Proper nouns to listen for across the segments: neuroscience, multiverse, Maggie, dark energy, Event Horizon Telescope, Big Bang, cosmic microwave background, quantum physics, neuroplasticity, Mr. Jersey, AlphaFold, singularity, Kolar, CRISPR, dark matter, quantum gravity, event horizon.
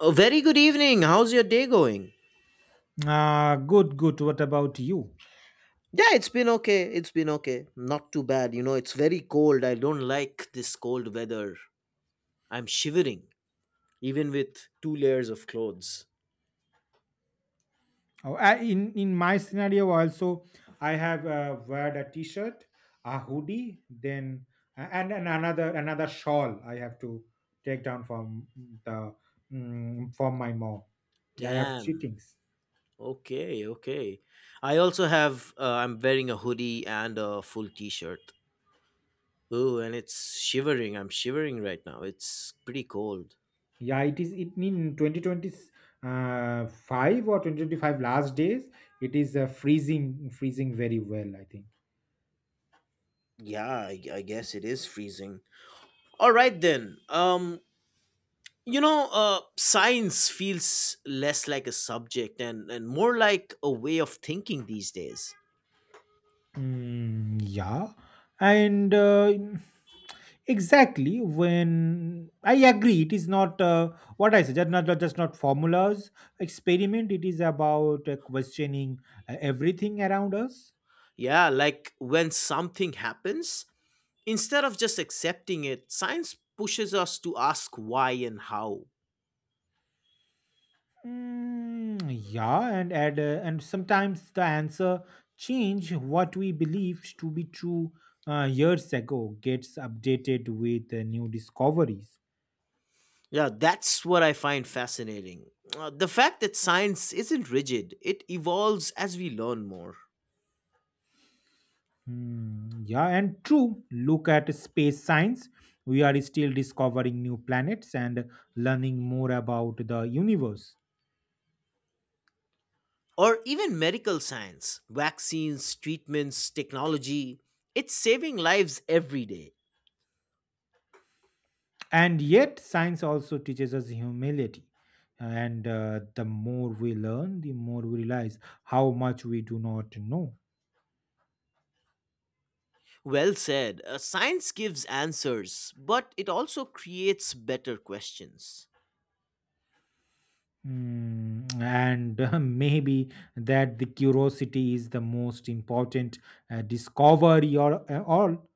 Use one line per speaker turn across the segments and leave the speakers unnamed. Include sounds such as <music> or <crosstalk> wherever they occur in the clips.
A very good evening. How's your day going?
Good, good. What about you?
Yeah, it's been okay. It's been okay. Not too bad. You know, it's very cold. I don't like this cold weather. I'm shivering, even with two layers of clothes.
Oh, I, in my scenario also, I have wear a t-shirt, a hoodie, then and another shawl I have to take down from the from my mom. Yeah, I have three
Damn.
things.
Okay, okay. I also have, I'm wearing a hoodie and a full t shirt. Oh, and it's shivering. I'm shivering right now. It's pretty cold.
Yeah, it is it in 2020 five or 2025 last days. It is freezing very well, I think.
Yeah, I guess it is freezing. All right then. Science feels less like a subject and more like a way of thinking these days.
Yeah, and exactly when I agree, it is not what I said. Just just not formulas experiment. It is about questioning everything around us.
Yeah, like when something happens, instead of just accepting it, science pushes us to ask why and how.
Mm, yeah, and sometimes the answer change what we believed to be true years ago gets updated with new discoveries.
Yeah, that's what I find fascinating. The fact that science isn't rigid, it evolves as we learn more.
Hmm, yeah, and true. Look at space science. We are still discovering new planets and learning more about the universe.
Or even medical science, vaccines, treatments, technology, it's saving lives every day.
And yet, science also teaches us humility. And the more we learn, the more we realize how much we do not know.
Well said. Science gives answers, but it also creates better questions.
Hmm, and <laughs> maybe that the curiosity is the most important discovery or all.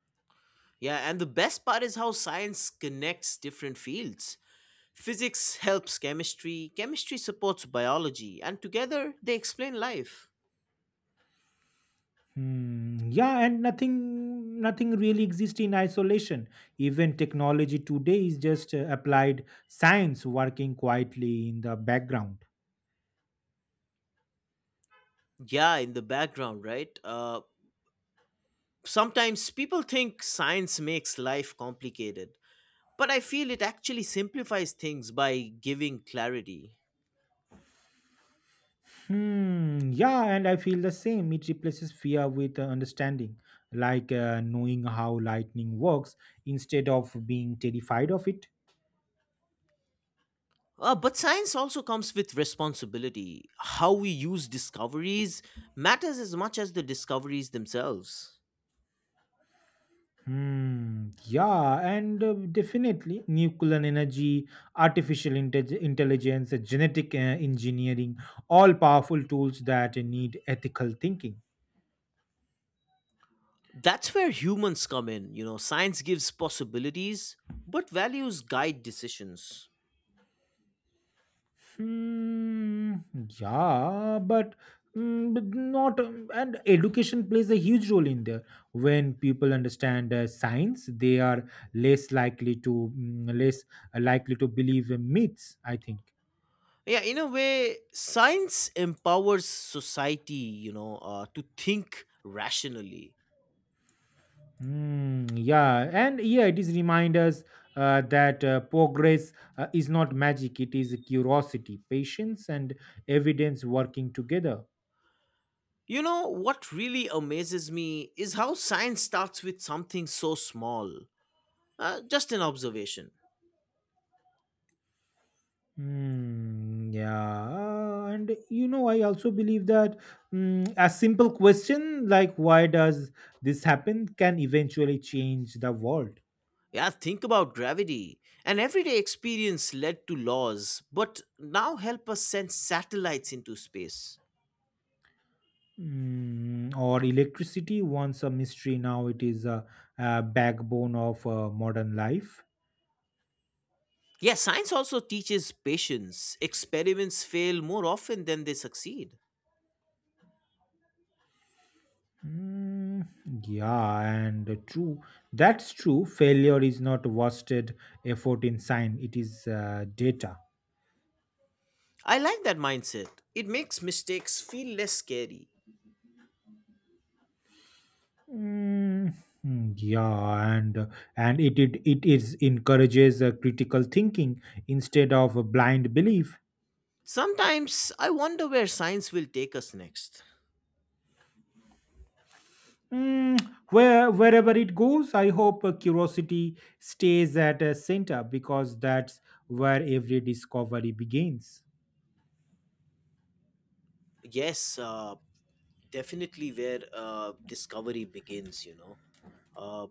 Yeah, and the best part is how science connects different fields. Physics helps chemistry, chemistry supports biology, and together they explain life.
Hmm. Yeah, and nothing really exists in isolation. Even technology today is just applied science working quietly in the background.
Yeah, in the background, right? Sometimes people think science makes life complicated, but I feel it actually simplifies things by giving clarity.
Hmm. Yeah, and I feel the same. It replaces fear with understanding, like knowing how lightning works instead of being terrified of it.
But science also comes with responsibility. How we use discoveries matters as much as the discoveries themselves.
Hmm. Yeah, and definitely nuclear energy, artificial intelligence, genetic engineering, all powerful tools that need ethical thinking.
That's where humans come in. You know, science gives possibilities, but values guide decisions.
Hmm. Yeah, but. Mm, But not and education plays a huge role in there when people understand science they are less likely to believe in myths, I think.
Yeah, in a way, science empowers society, you know, to think rationally.
Yeah, it is remind us that progress is not magic. It is curiosity, patience, and evidence working together.
You know, what really amazes me is how science starts with something so small, just an observation.
Yeah, and you know, I also believe that a simple question like "Why does this happen?" can eventually change the world.
Yeah, think about gravity. An everyday experience led to laws, but now help us send satellites into space.
Or electricity, once a mystery, now it is a backbone of modern life.
Yeah, science also teaches patience. Experiments fail more often than they succeed.
Mm, yeah, and true. That's true. Failure is not wasted effort in science. It is data.
I like that mindset. It makes mistakes feel less scary.
Mm, yeah, and it is encourages critical thinking instead of a blind belief.
Sometimes I wonder where science will take us next.
Mm, Wherever it goes, I hope curiosity stays at a center, because that's where every discovery begins.
Yes, definitely where discovery begins, Uh,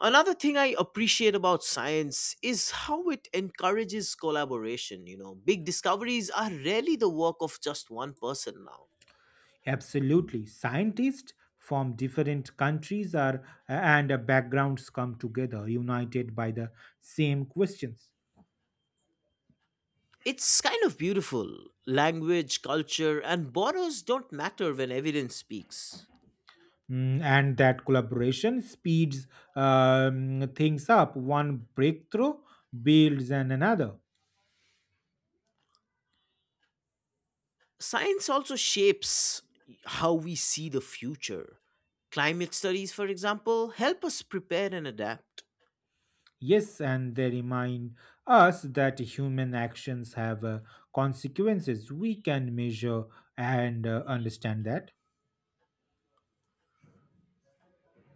Another thing I appreciate about science is how it encourages collaboration. You know, big discoveries are rarely the work of just one person now.
Absolutely. Scientists from different countries are and backgrounds come together, united by the same questions.
It's kind of beautiful. Language, culture and borders don't matter when evidence speaks.
And that collaboration speeds things up. One breakthrough builds on another.
Science also shapes how we see the future. Climate studies, for example, help us prepare and adapt.
Yes, and they remind us that human actions have consequences. We can measure and understand that.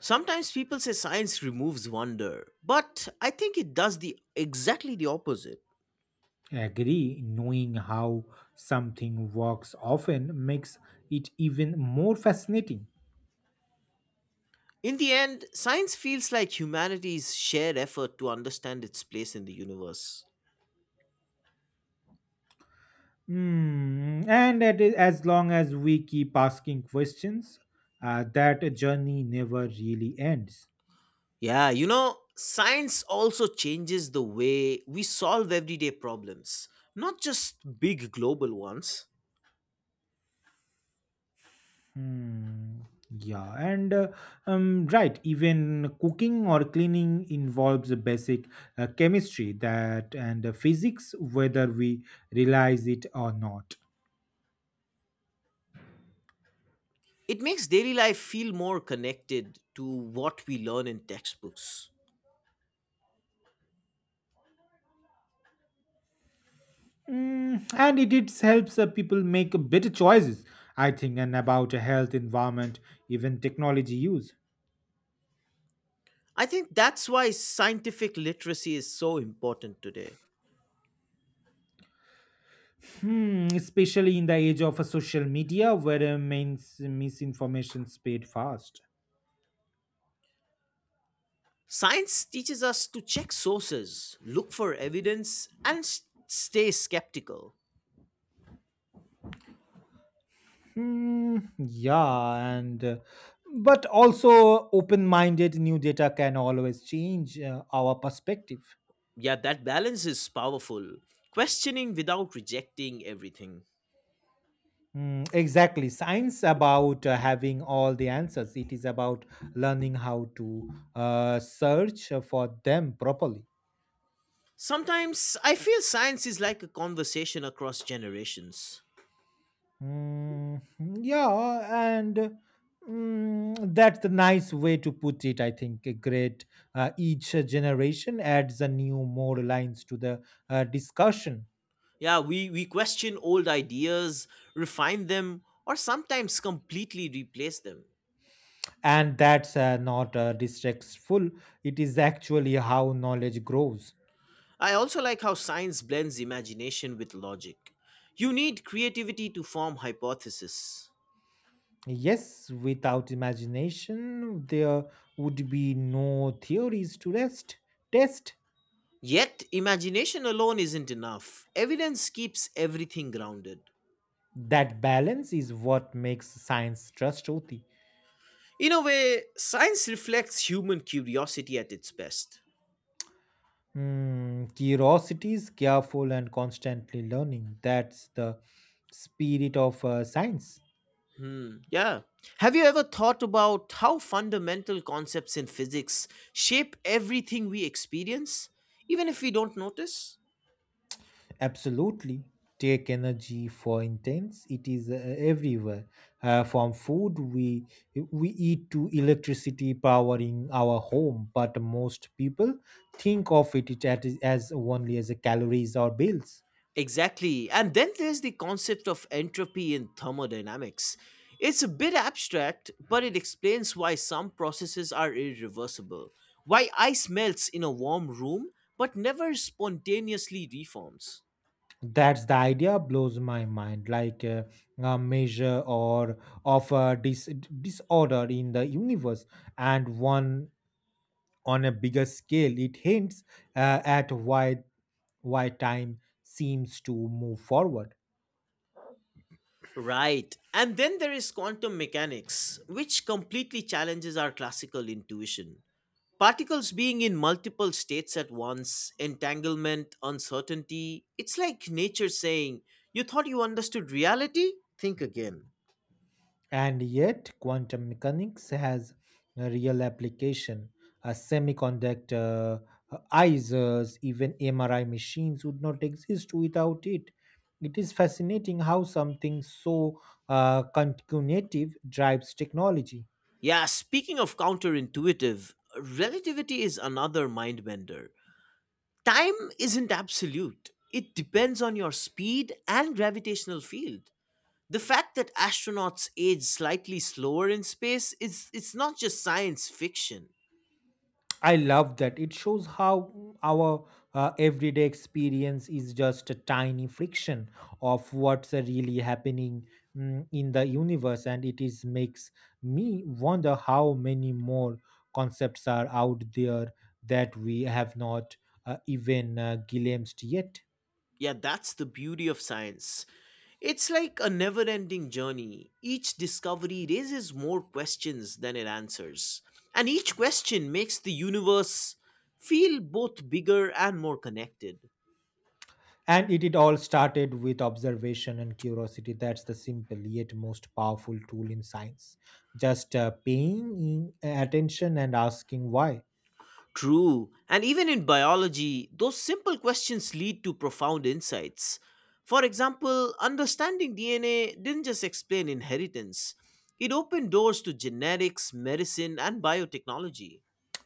Sometimes people say science removes wonder, but I think it does the exactly the opposite.
Agree, knowing how something works often makes it even more fascinating.
In the end, science feels like humanity's shared effort to understand its place in the universe.
Hmm. And as long as we keep asking questions, that journey never really ends.
Yeah, you know, science also changes the way we solve everyday problems, not just big global ones.
Hmm. Yeah, and right, even cooking or cleaning involves a basic chemistry that and physics, whether we realize it or not.
It makes daily life feel more connected to what we learn in textbooks.
And it helps people make better choices, I think, and about health, environment, even technology use.
I think that's why scientific literacy is so important today.
Hmm, especially in the age of social media where mains misinformation spread fast.
Science teaches us to check sources, look for evidence, and stay skeptical.
Hmm, yeah, and but also open minded, new data can always change our perspective.
Yeah, that balance is powerful. Questioning without rejecting everything.
Exactly. Science about having all the answers. It is about learning how to search for them properly.
Sometimes I feel science is like a conversation across generations.
Mm, yeah, and that's the nice way to put it, I think. A great. Each generation adds a new more lines to the discussion,
Yeah, we question old ideas, refine them, or sometimes completely replace them.
and that's not distractful. It is actually how knowledge grows.
I also like how science blends imagination with logic. You need creativity to form hypotheses.
Yes, without imagination, there would be no theories to rest test.
Yet, imagination alone isn't enough. Evidence keeps everything grounded.
That balance is what makes science trustworthy.
In a way, science reflects human curiosity at its best.
Hmm, curiosity is careful and constantly learning. That's the spirit of science.
Hmm, yeah. Have you ever thought about how fundamental concepts in physics shape everything we experience, even if we don't notice?
Absolutely. Take energy, for instance, it is everywhere, from food we eat to electricity powering our home. But most people think of as only as a calories or bills.
Exactly. And then there's the concept of entropy in thermodynamics. It's a bit abstract, but it explains why some processes are irreversible, why ice melts in a warm room but never spontaneously reforms.
That's the idea blows my mind, like a measure or of a disorder in the universe, and one on a bigger scale, it hints at why time seems to move forward.
Right. And then there is quantum mechanics, which completely challenges our classical intuition. Particles being in multiple states at once, entanglement, uncertainty, it's like nature saying, "You thought you understood reality? Think again."
And yet, quantum mechanics has a real application. A semiconductor ISOs, even MRI machines would not exist without it. It is fascinating how something so cognitive drives technology.
Yeah, speaking of counterintuitive, relativity is another mind bender. Time isn't absolute, it depends on your speed and gravitational field. The fact that astronauts age slightly slower in space is, it's not just science fiction.
I love that. It shows how our everyday experience is just a tiny friction of what's really happening in the universe, and it is makes me wonder how many more concepts are out there that we have not even glimpsed yet.
Yeah, that's the beauty of science. It's like a never-ending journey. Each discovery raises more questions than it answers, and each question makes the universe feel both bigger and more connected.
And it all started with observation and curiosity. That's the simple yet most powerful tool in science. Just paying attention and asking why.
True. And even in biology, those simple questions lead to profound insights. For example, understanding DNA didn't just explain inheritance, it opened doors to genetics, medicine, and biotechnology.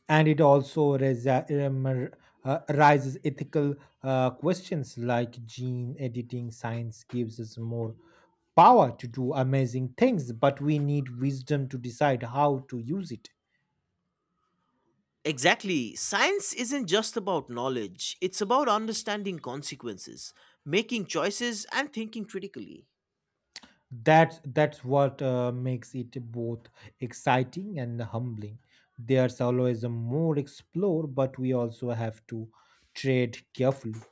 And it also raises ethical questions like gene editing. Science gives us more power to do amazing things, but we need wisdom to decide how to use it.
Exactly. Science isn't just about knowledge, it's about understanding consequences, making choices, and thinking critically.
That's what makes it both exciting and humbling. There's always a more explore, but we also have to trade carefully.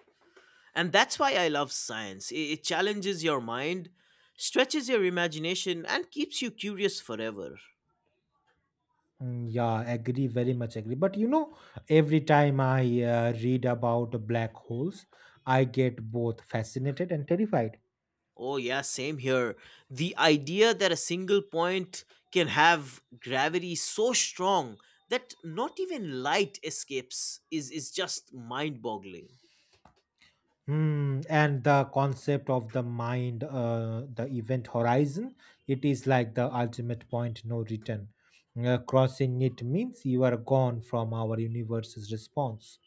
And that's why I love science. It challenges your mind, stretches your imagination, and keeps you curious forever.
Yeah, agree, very much agree. But you know, every time I read about black holes, I get both fascinated and terrified.
Oh, yeah, same here. The idea that a single point can have gravity so strong that not even light escapes is just mind boggling.
Hmm, and the concept of the mind, the event horizon, it is like the ultimate point no return. Crossing it means you are gone from our universe's response.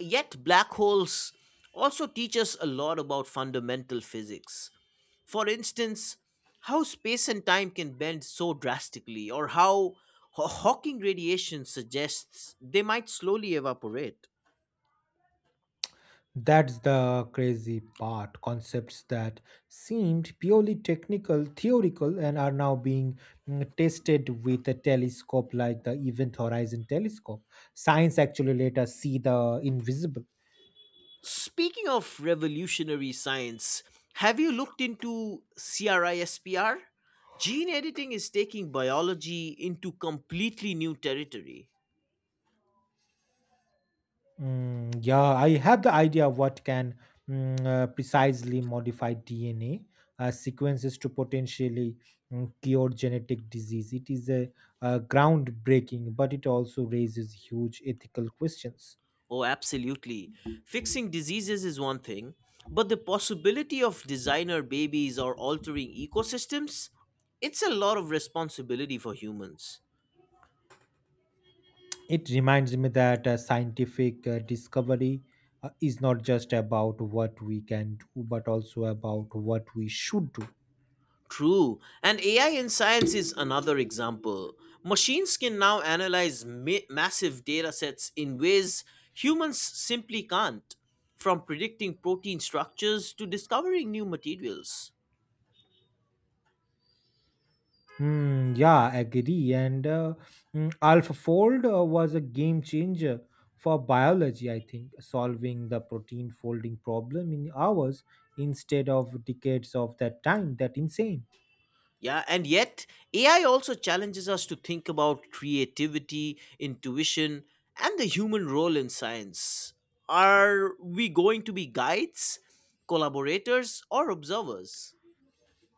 Yet, black holes also teach us a lot about fundamental physics. For instance, how space and time can bend so drastically, or how Hawking radiation suggests they might slowly evaporate.
That's the crazy part. Concepts that seemed purely technical, theoretical, and are now being tested with a telescope like the Event Horizon Telescope. Science actually let us see the invisible.
Speaking of revolutionary science, have you looked into CRISPR? Gene editing is taking biology into completely new territory.
Yeah, I have the idea of what can precisely modify DNA sequences to potentially cure genetic disease. It is a groundbreaking, but it also raises huge ethical questions.
Oh, absolutely. Fixing diseases is one thing, but the possibility of designer babies or altering ecosystems, it's a lot of responsibility for humans.
It reminds me that scientific discovery is not just about what we can do, but also about what we should do.
True. And AI in science is another example. Machines can now analyze massive data sets in ways humans simply can't, from predicting protein structures to discovering new materials.
Hmm, yeah, I agree. And AlphaFold was a game changer for biology, I think, solving the protein folding problem in hours instead of decades of that time. That insane.
Yeah, and yet AI also challenges us to think about creativity, intuition, and the human role in science. Are we going to be guides, collaborators, or observers?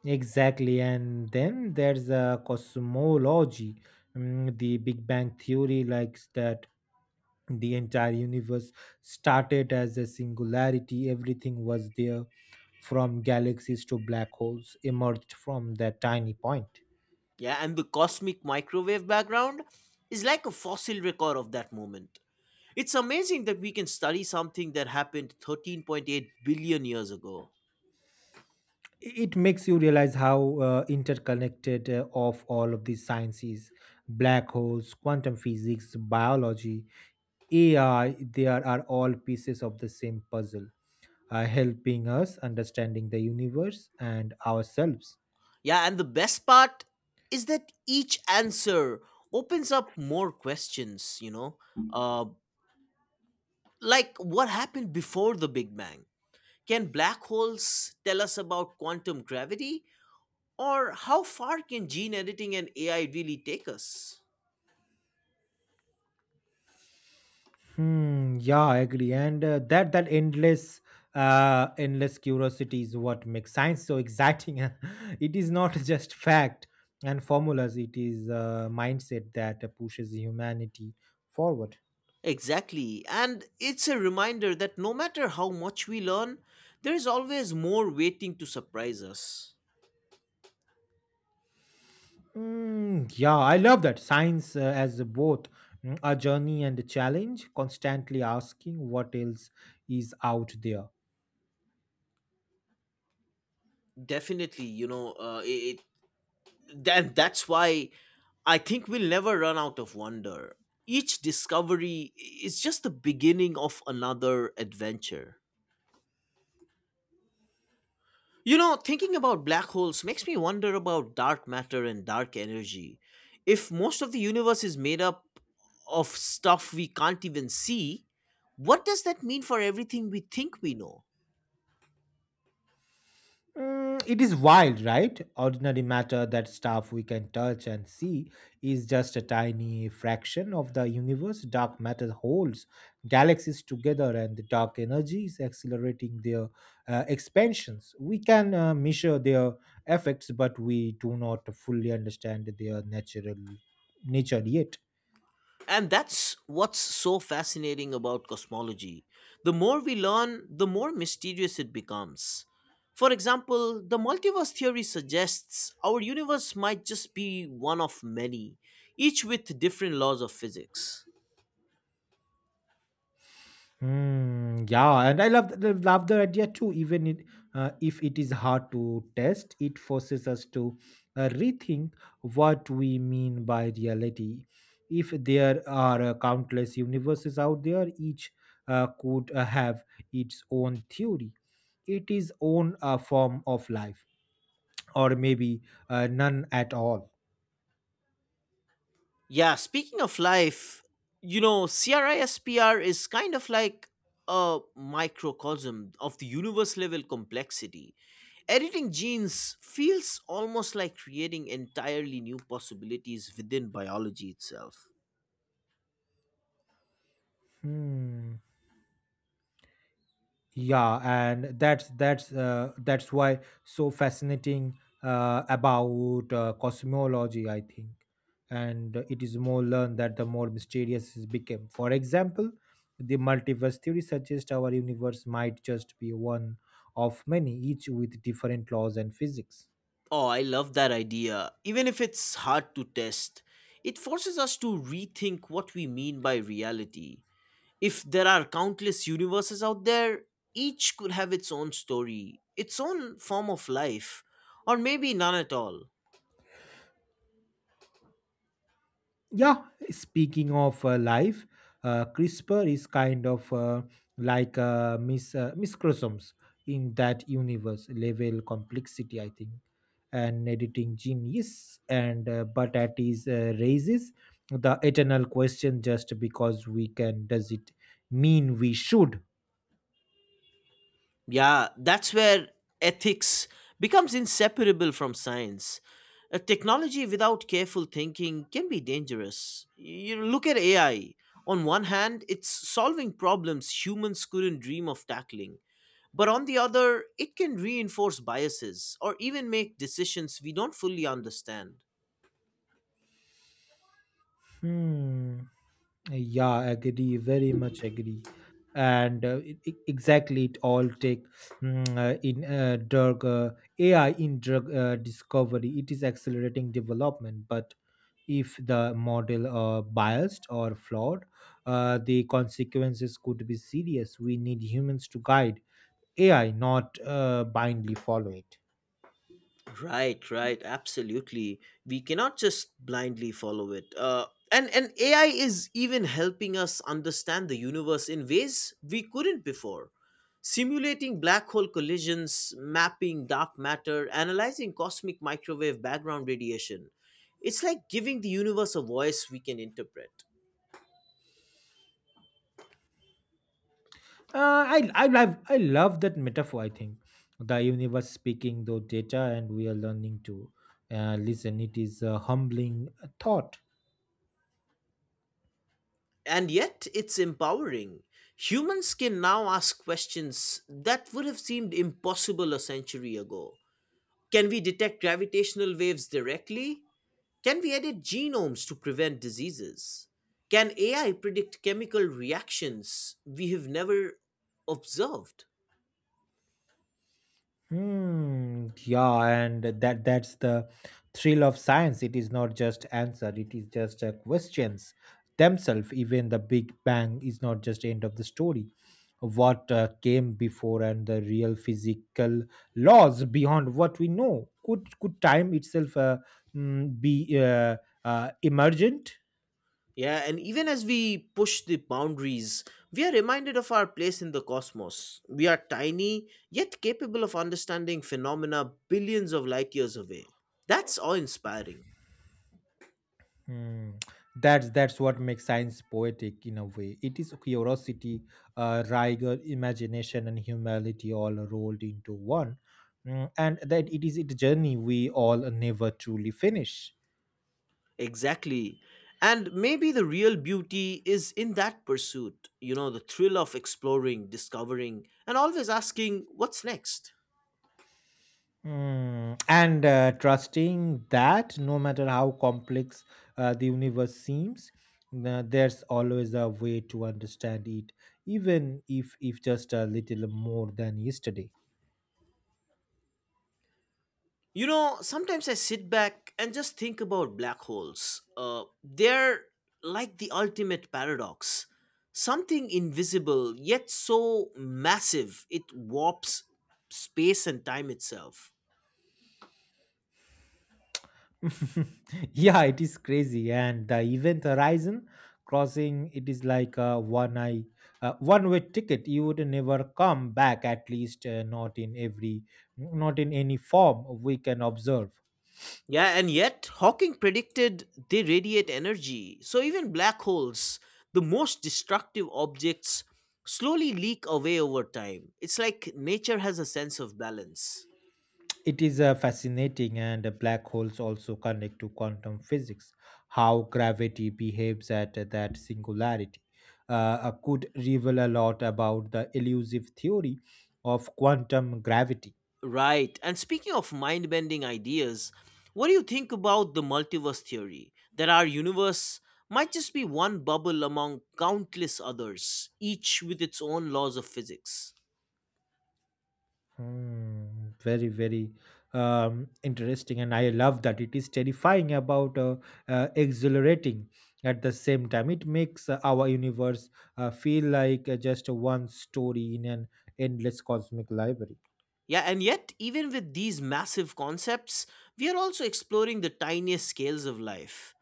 Exactly. And then there's a cosmology. The Big Bang theory likes that the entire universe started as a singularity. Everything was there from galaxies to black holes emerged from that tiny point.
Yeah, and the cosmic microwave background is like a fossil record of that moment. It's amazing that we can study something that happened 13.8 billion years ago.
It makes you realize how interconnected of all of these sciences: black holes, quantum physics, biology, AI, there are all pieces of the same puzzle helping us understanding the universe and ourselves.
Yeah, and the best part is that each answer opens up more questions, you know? Uh, like what happened before the Big Bang? Can black holes tell us about quantum gravity? Or how far can gene editing and AI really take us?
Hmm, yeah, I agree. And that endless endless curiosity is what makes science so exciting. <laughs> It is not <laughs> just fact and formulas, it is a mindset that pushes humanity forward.
Exactly. And it's a reminder that no matter how much we learn, there is always more waiting to surprise us.
Yeah, I love that science as both a journey and a challenge, constantly asking what else is out there.
Definitely, you know, that's why I think we'll never run out of wonder. Each discovery is just the beginning of another adventure. You know, thinking about black holes makes me wonder about dark matter and dark energy. If most of the universe is made up of stuff we can't even see, what does that mean for everything we think we know?
It is wild, right? Ordinary matter, that stuff we can touch and see, is just a tiny fraction of the universe. Dark matter holds galaxies together, and the dark energy is accelerating their expansions. We can measure their effects, but we do not fully understand their natural nature yet.
And that's what's so fascinating about cosmology. The more we learn, the more mysterious it becomes. For example, the multiverse theory suggests our universe might just be one of many, each with different laws of physics.
Hmm, yeah, and I love love the idea too. If it is hard to test, it forces us to rethink what we mean by reality. If there are countless universes out there, each could have its own theory, its own form of life, or maybe none at all.
Yeah, speaking of life, you know, CRISPR is kind of like a microcosm of the universe level complexity. Editing genes feels almost like creating entirely new possibilities within biology itself.
Hmm, yeah, and that's why so fascinating about cosmology, I think. And it is more learned that the more mysterious it became. For example, the multiverse theory suggests our universe might just be one of many, each with different laws and physics.
Oh, I love that idea. Even if it's hard to test, it forces us to rethink what we mean by reality. If there are countless universes out there, each could have its own story, its own form of life, or maybe none at all.
Yeah, speaking of life, CRISPR is kind of like miscrosomes in that universe level complexity, I think. And editing gene, yes, and but that is raises the eternal question: just because we can, does it mean we should?
Yeah, that's where ethics becomes inseparable from science. A technology without careful thinking can be dangerous. You look at AI. On one hand, it's solving problems humans couldn't dream of tackling. But on the other, it can reinforce biases or even make decisions we don't fully understand.
Hmm. Yeah, agree, very much agree. And exactly, it all take mm, in drug AI in drug discovery. It is accelerating development, but if the model are biased or flawed, the consequences could be serious. We need humans to guide AI, not blindly follow it.
Right, right, absolutely. We cannot just blindly follow it. And AI is even helping us understand the universe in ways we couldn't before. Simulating black hole collisions, mapping dark matter, analyzing cosmic microwave background radiation. It's like giving the universe a voice we can interpret.
I love that metaphor, I think. The universe speaking through data, and we are learning to listen. It is a humbling thought.
And yet, it's empowering. Humans can now ask questions that would have seemed impossible a century ago. Can we detect gravitational waves directly? Can we edit genomes to prevent diseases? Can AI predict chemical reactions we have never observed?
Hmm. Yeah, and that's the thrill of science. It is not just answer. It is just questions themselves. Even the Big Bang is not just end of the story. What came before and the real physical laws beyond what we know. Could time itself be emergent?
Yeah, and even as we push the boundaries, we are reminded of our place in the cosmos. We are tiny, yet capable of understanding phenomena billions of light years away. That's awe inspiring.
Mm, that's what makes science poetic in a way. It is curiosity, rigor, imagination, and humility all rolled into one. And that it is a journey we all never truly finish.
Exactly. And maybe the real beauty is in that pursuit, you know, the thrill of exploring, discovering, and always asking, what's next?
And trusting that no matter how complex the universe seems, there's always a way to understand it, even if just a little more than yesterday.
You know, sometimes I sit back and just think about black holes. They're like the ultimate paradox, something invisible, yet so massive, it warps space and time itself.
<laughs> Yeah, it is crazy, and the event horizon crossing it is like a one eye one way ticket. You would never come back, at least not in any form we can observe.
Yeah, and yet Hawking predicted they radiate energy. So even black holes, the most destructive objects, slowly leak away over time. It's like nature has a sense of balance.
It is fascinating, and black holes also connect to quantum physics. How gravity behaves at that singularity could reveal a lot about the elusive theory of quantum gravity.
Right. And speaking of mind bending ideas, what do you think about the multiverse theory? That our universe might just be one bubble among countless others, each with its own laws of physics.
Hmm, very, very interesting, and I love that it is terrifying about exhilarating at the same time. It makes our universe feel like just one story in an endless cosmic library.
Yeah, and yet, even with these massive concepts, we are also exploring the tiniest scales of life.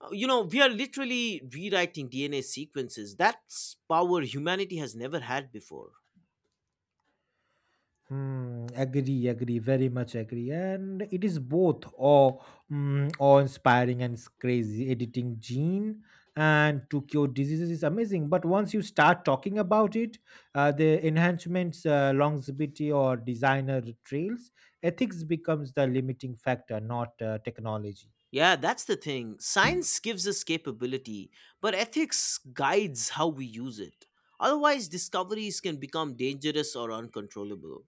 You know, we are literally rewriting DNA sequences. That's power humanity has never had before.
Hmm, agree, agree, very much agree. And it is both awe, awe-inspiring, and it's crazy. Editing gene and to cure diseases is amazing. But once you start talking about it, the enhancements, longevity or designer trails, ethics becomes the limiting factor, not technology.
Yeah, that's the thing. Science gives us capability, but ethics guides how we use it. Otherwise, discoveries can become dangerous or uncontrollable.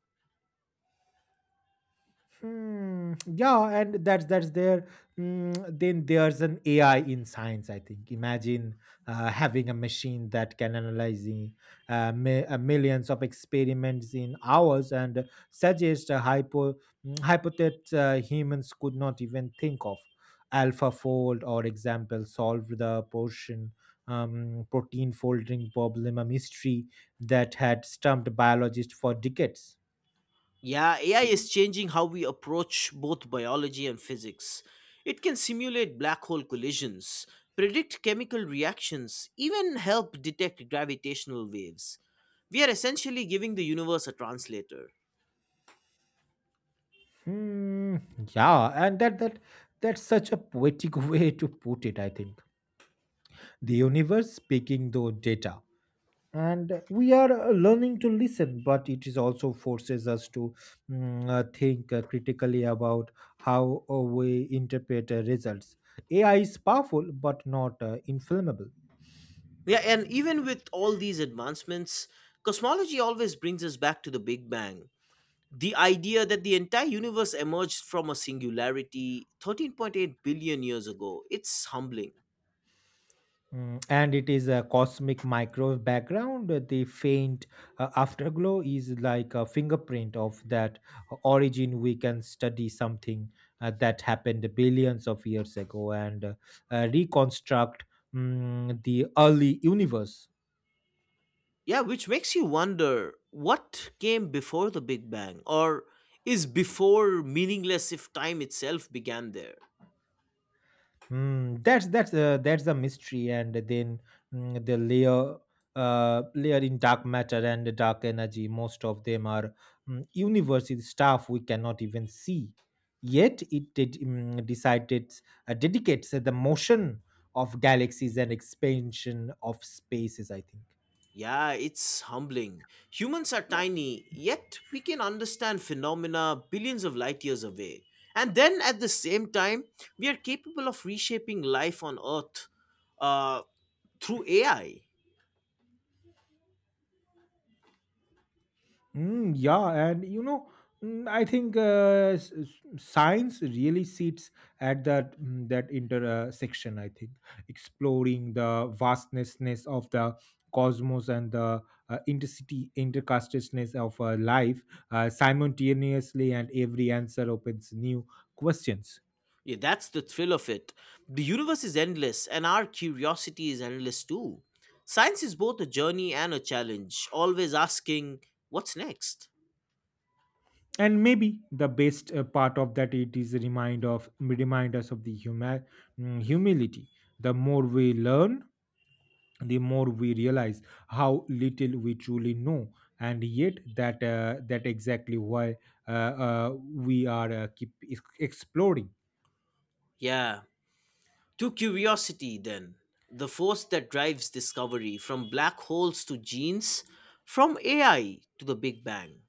Hmm. Yeah, and that's there. Then there's an AI in science, I think. Imagine having a machine that can analyze the millions of experiments in hours and suggest a hypothesis humans could not even think of. AlphaFold, or example, solved the portion protein folding problem, a mystery that had stumped biologists for decades.
Yeah, AI is changing how we approach both biology and physics. It can simulate black hole collisions, predict chemical reactions, even help detect gravitational waves. We are essentially giving the universe a translator.
Hmm. Yeah, and that's such a poetic <laughs> way to put it, I think. The universe speaking though data. And we are learning to listen, but it is also forces us to think critically about how we interpret results. AI is powerful, but not inflammable.
Yeah, and even with all these advancements, cosmology always brings us back to the Big Bang. The idea that the entire universe emerged from a singularity 13.8 billion years ago, it's humbling.
Mm, and it is a cosmic microwave background. The faint afterglow is like a fingerprint of that origin. We can study something that happened billions of years ago and reconstruct the early universe.
Yeah, which makes you wonder what came before the Big Bang, or is before meaningless if time itself began there?
That's the mystery, and then mm, the layer layer in dark matter and dark energy. Most of them are university stuff we cannot even see. Yet it did decided dedicates the motion of galaxies and expansion of spaces, I think.
Yeah, it's humbling. Humans are tiny, yet we can understand phenomena billions of light years away. And then at the same time, we are capable of reshaping life on Earth uh, through AI.
Yeah, and you know, I think science really sits at that intersection, I think. Exploring the vastness of the cosmos and the intercity intercastedness of life simultaneously, and every answer opens new questions.
Yeah, that's the thrill of it. The universe is endless, and our curiosity is endless too. Science is both a journey and a challenge, always asking, what's next?
And maybe the best part of that it is a remind us of the humility. The more we learn, the more we realize how little we truly know, and yet that that exactly why we are keep exploring.
Yeah, to curiosity then, the force that drives discovery from black holes to genes, from AI to the Big Bang.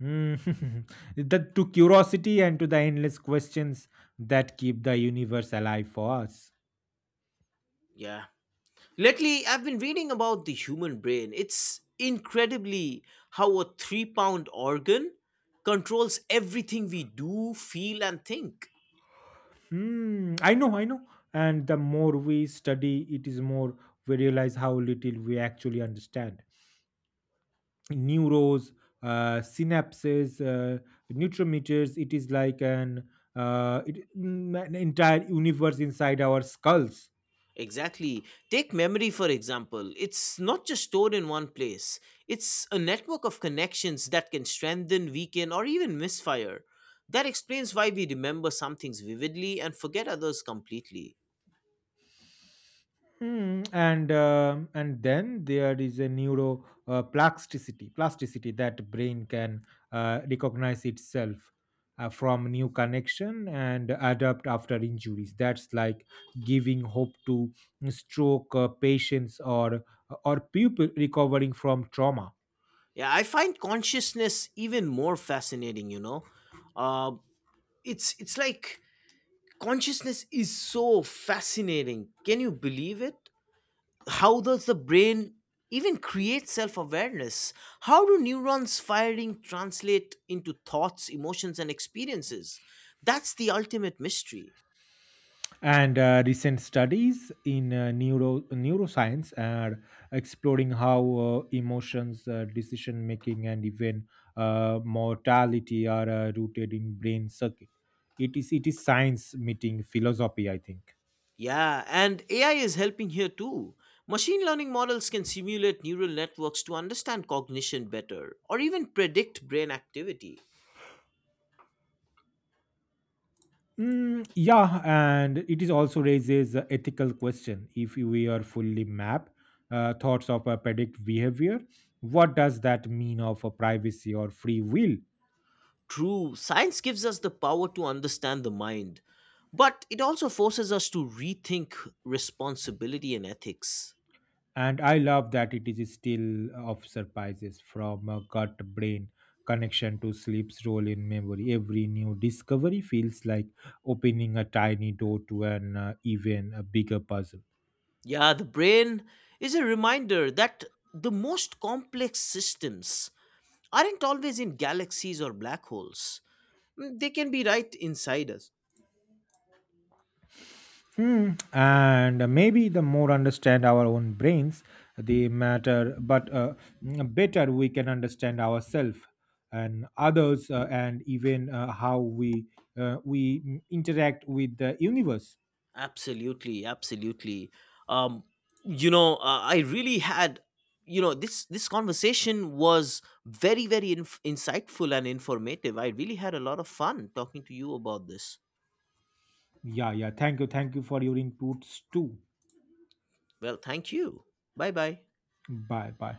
Mm. <laughs> That to curiosity and to the endless questions that keep the universe alive for us.
Yeah. Lately, I've been reading about the human brain. It's incredibly how a 3-pound organ controls everything we do, feel, and think.
Hmm, I know, and the more we study it is more we realize how little we actually understand. Neurons, synapses, neurometers. It is like an, an entire universe inside our skulls.
Exactly. Take memory, for example. It's not just stored in one place, it's a network of connections that can strengthen, weaken, or even misfire. That explains why we remember some things vividly and forget others completely.
Mm, and then there is a neuro plasticity plasticity that brain can recognize itself from new connection and adapt after injuries. That's like giving hope to stroke patients, or people recovering from trauma.
Yeah, I find consciousness even more fascinating, you know. Uh, it's like Consciousness is so fascinating. Can you believe it? How does the brain even create self awareness? How do neurons firing translate into thoughts, emotions, and experiences? That's the ultimate mystery.
And recent studies in neuroscience are exploring how emotions, decision making, and even mortality are rooted in brain circuit. It is science meeting philosophy, I think.
Yeah, and AI is helping here too. Machine learning models can simulate neural networks to understand cognition better or even predict brain activity.
Yeah, and it is also raises a ethical question. If we are fully map thoughts of a predict behavior, what does that mean of a privacy or free will?
True, science gives us the power to understand the mind, but it also forces us to rethink responsibility and ethics.
And I love that it is still of surprises from a gut brain connection to sleep's role in memory. Every new discovery feels like opening a tiny door to an even a bigger puzzle.
Yeah, the brain is a reminder that the most complex systems aren't always in galaxies or black holes. Mm, they can be right inside us.
Hmm. And maybe the more understand our own brains, the matter, but better we can understand ourselves and others, and even how we interact with the universe.
Absolutely, absolutely. Um, you know, I really had, you know, this conversation was very, very insightful and informative. I really had a lot of fun talking to you about this.
Yeah, yeah. Thank you. Thank you for your inputs too.
Well, thank you. Bye bye.
Bye bye.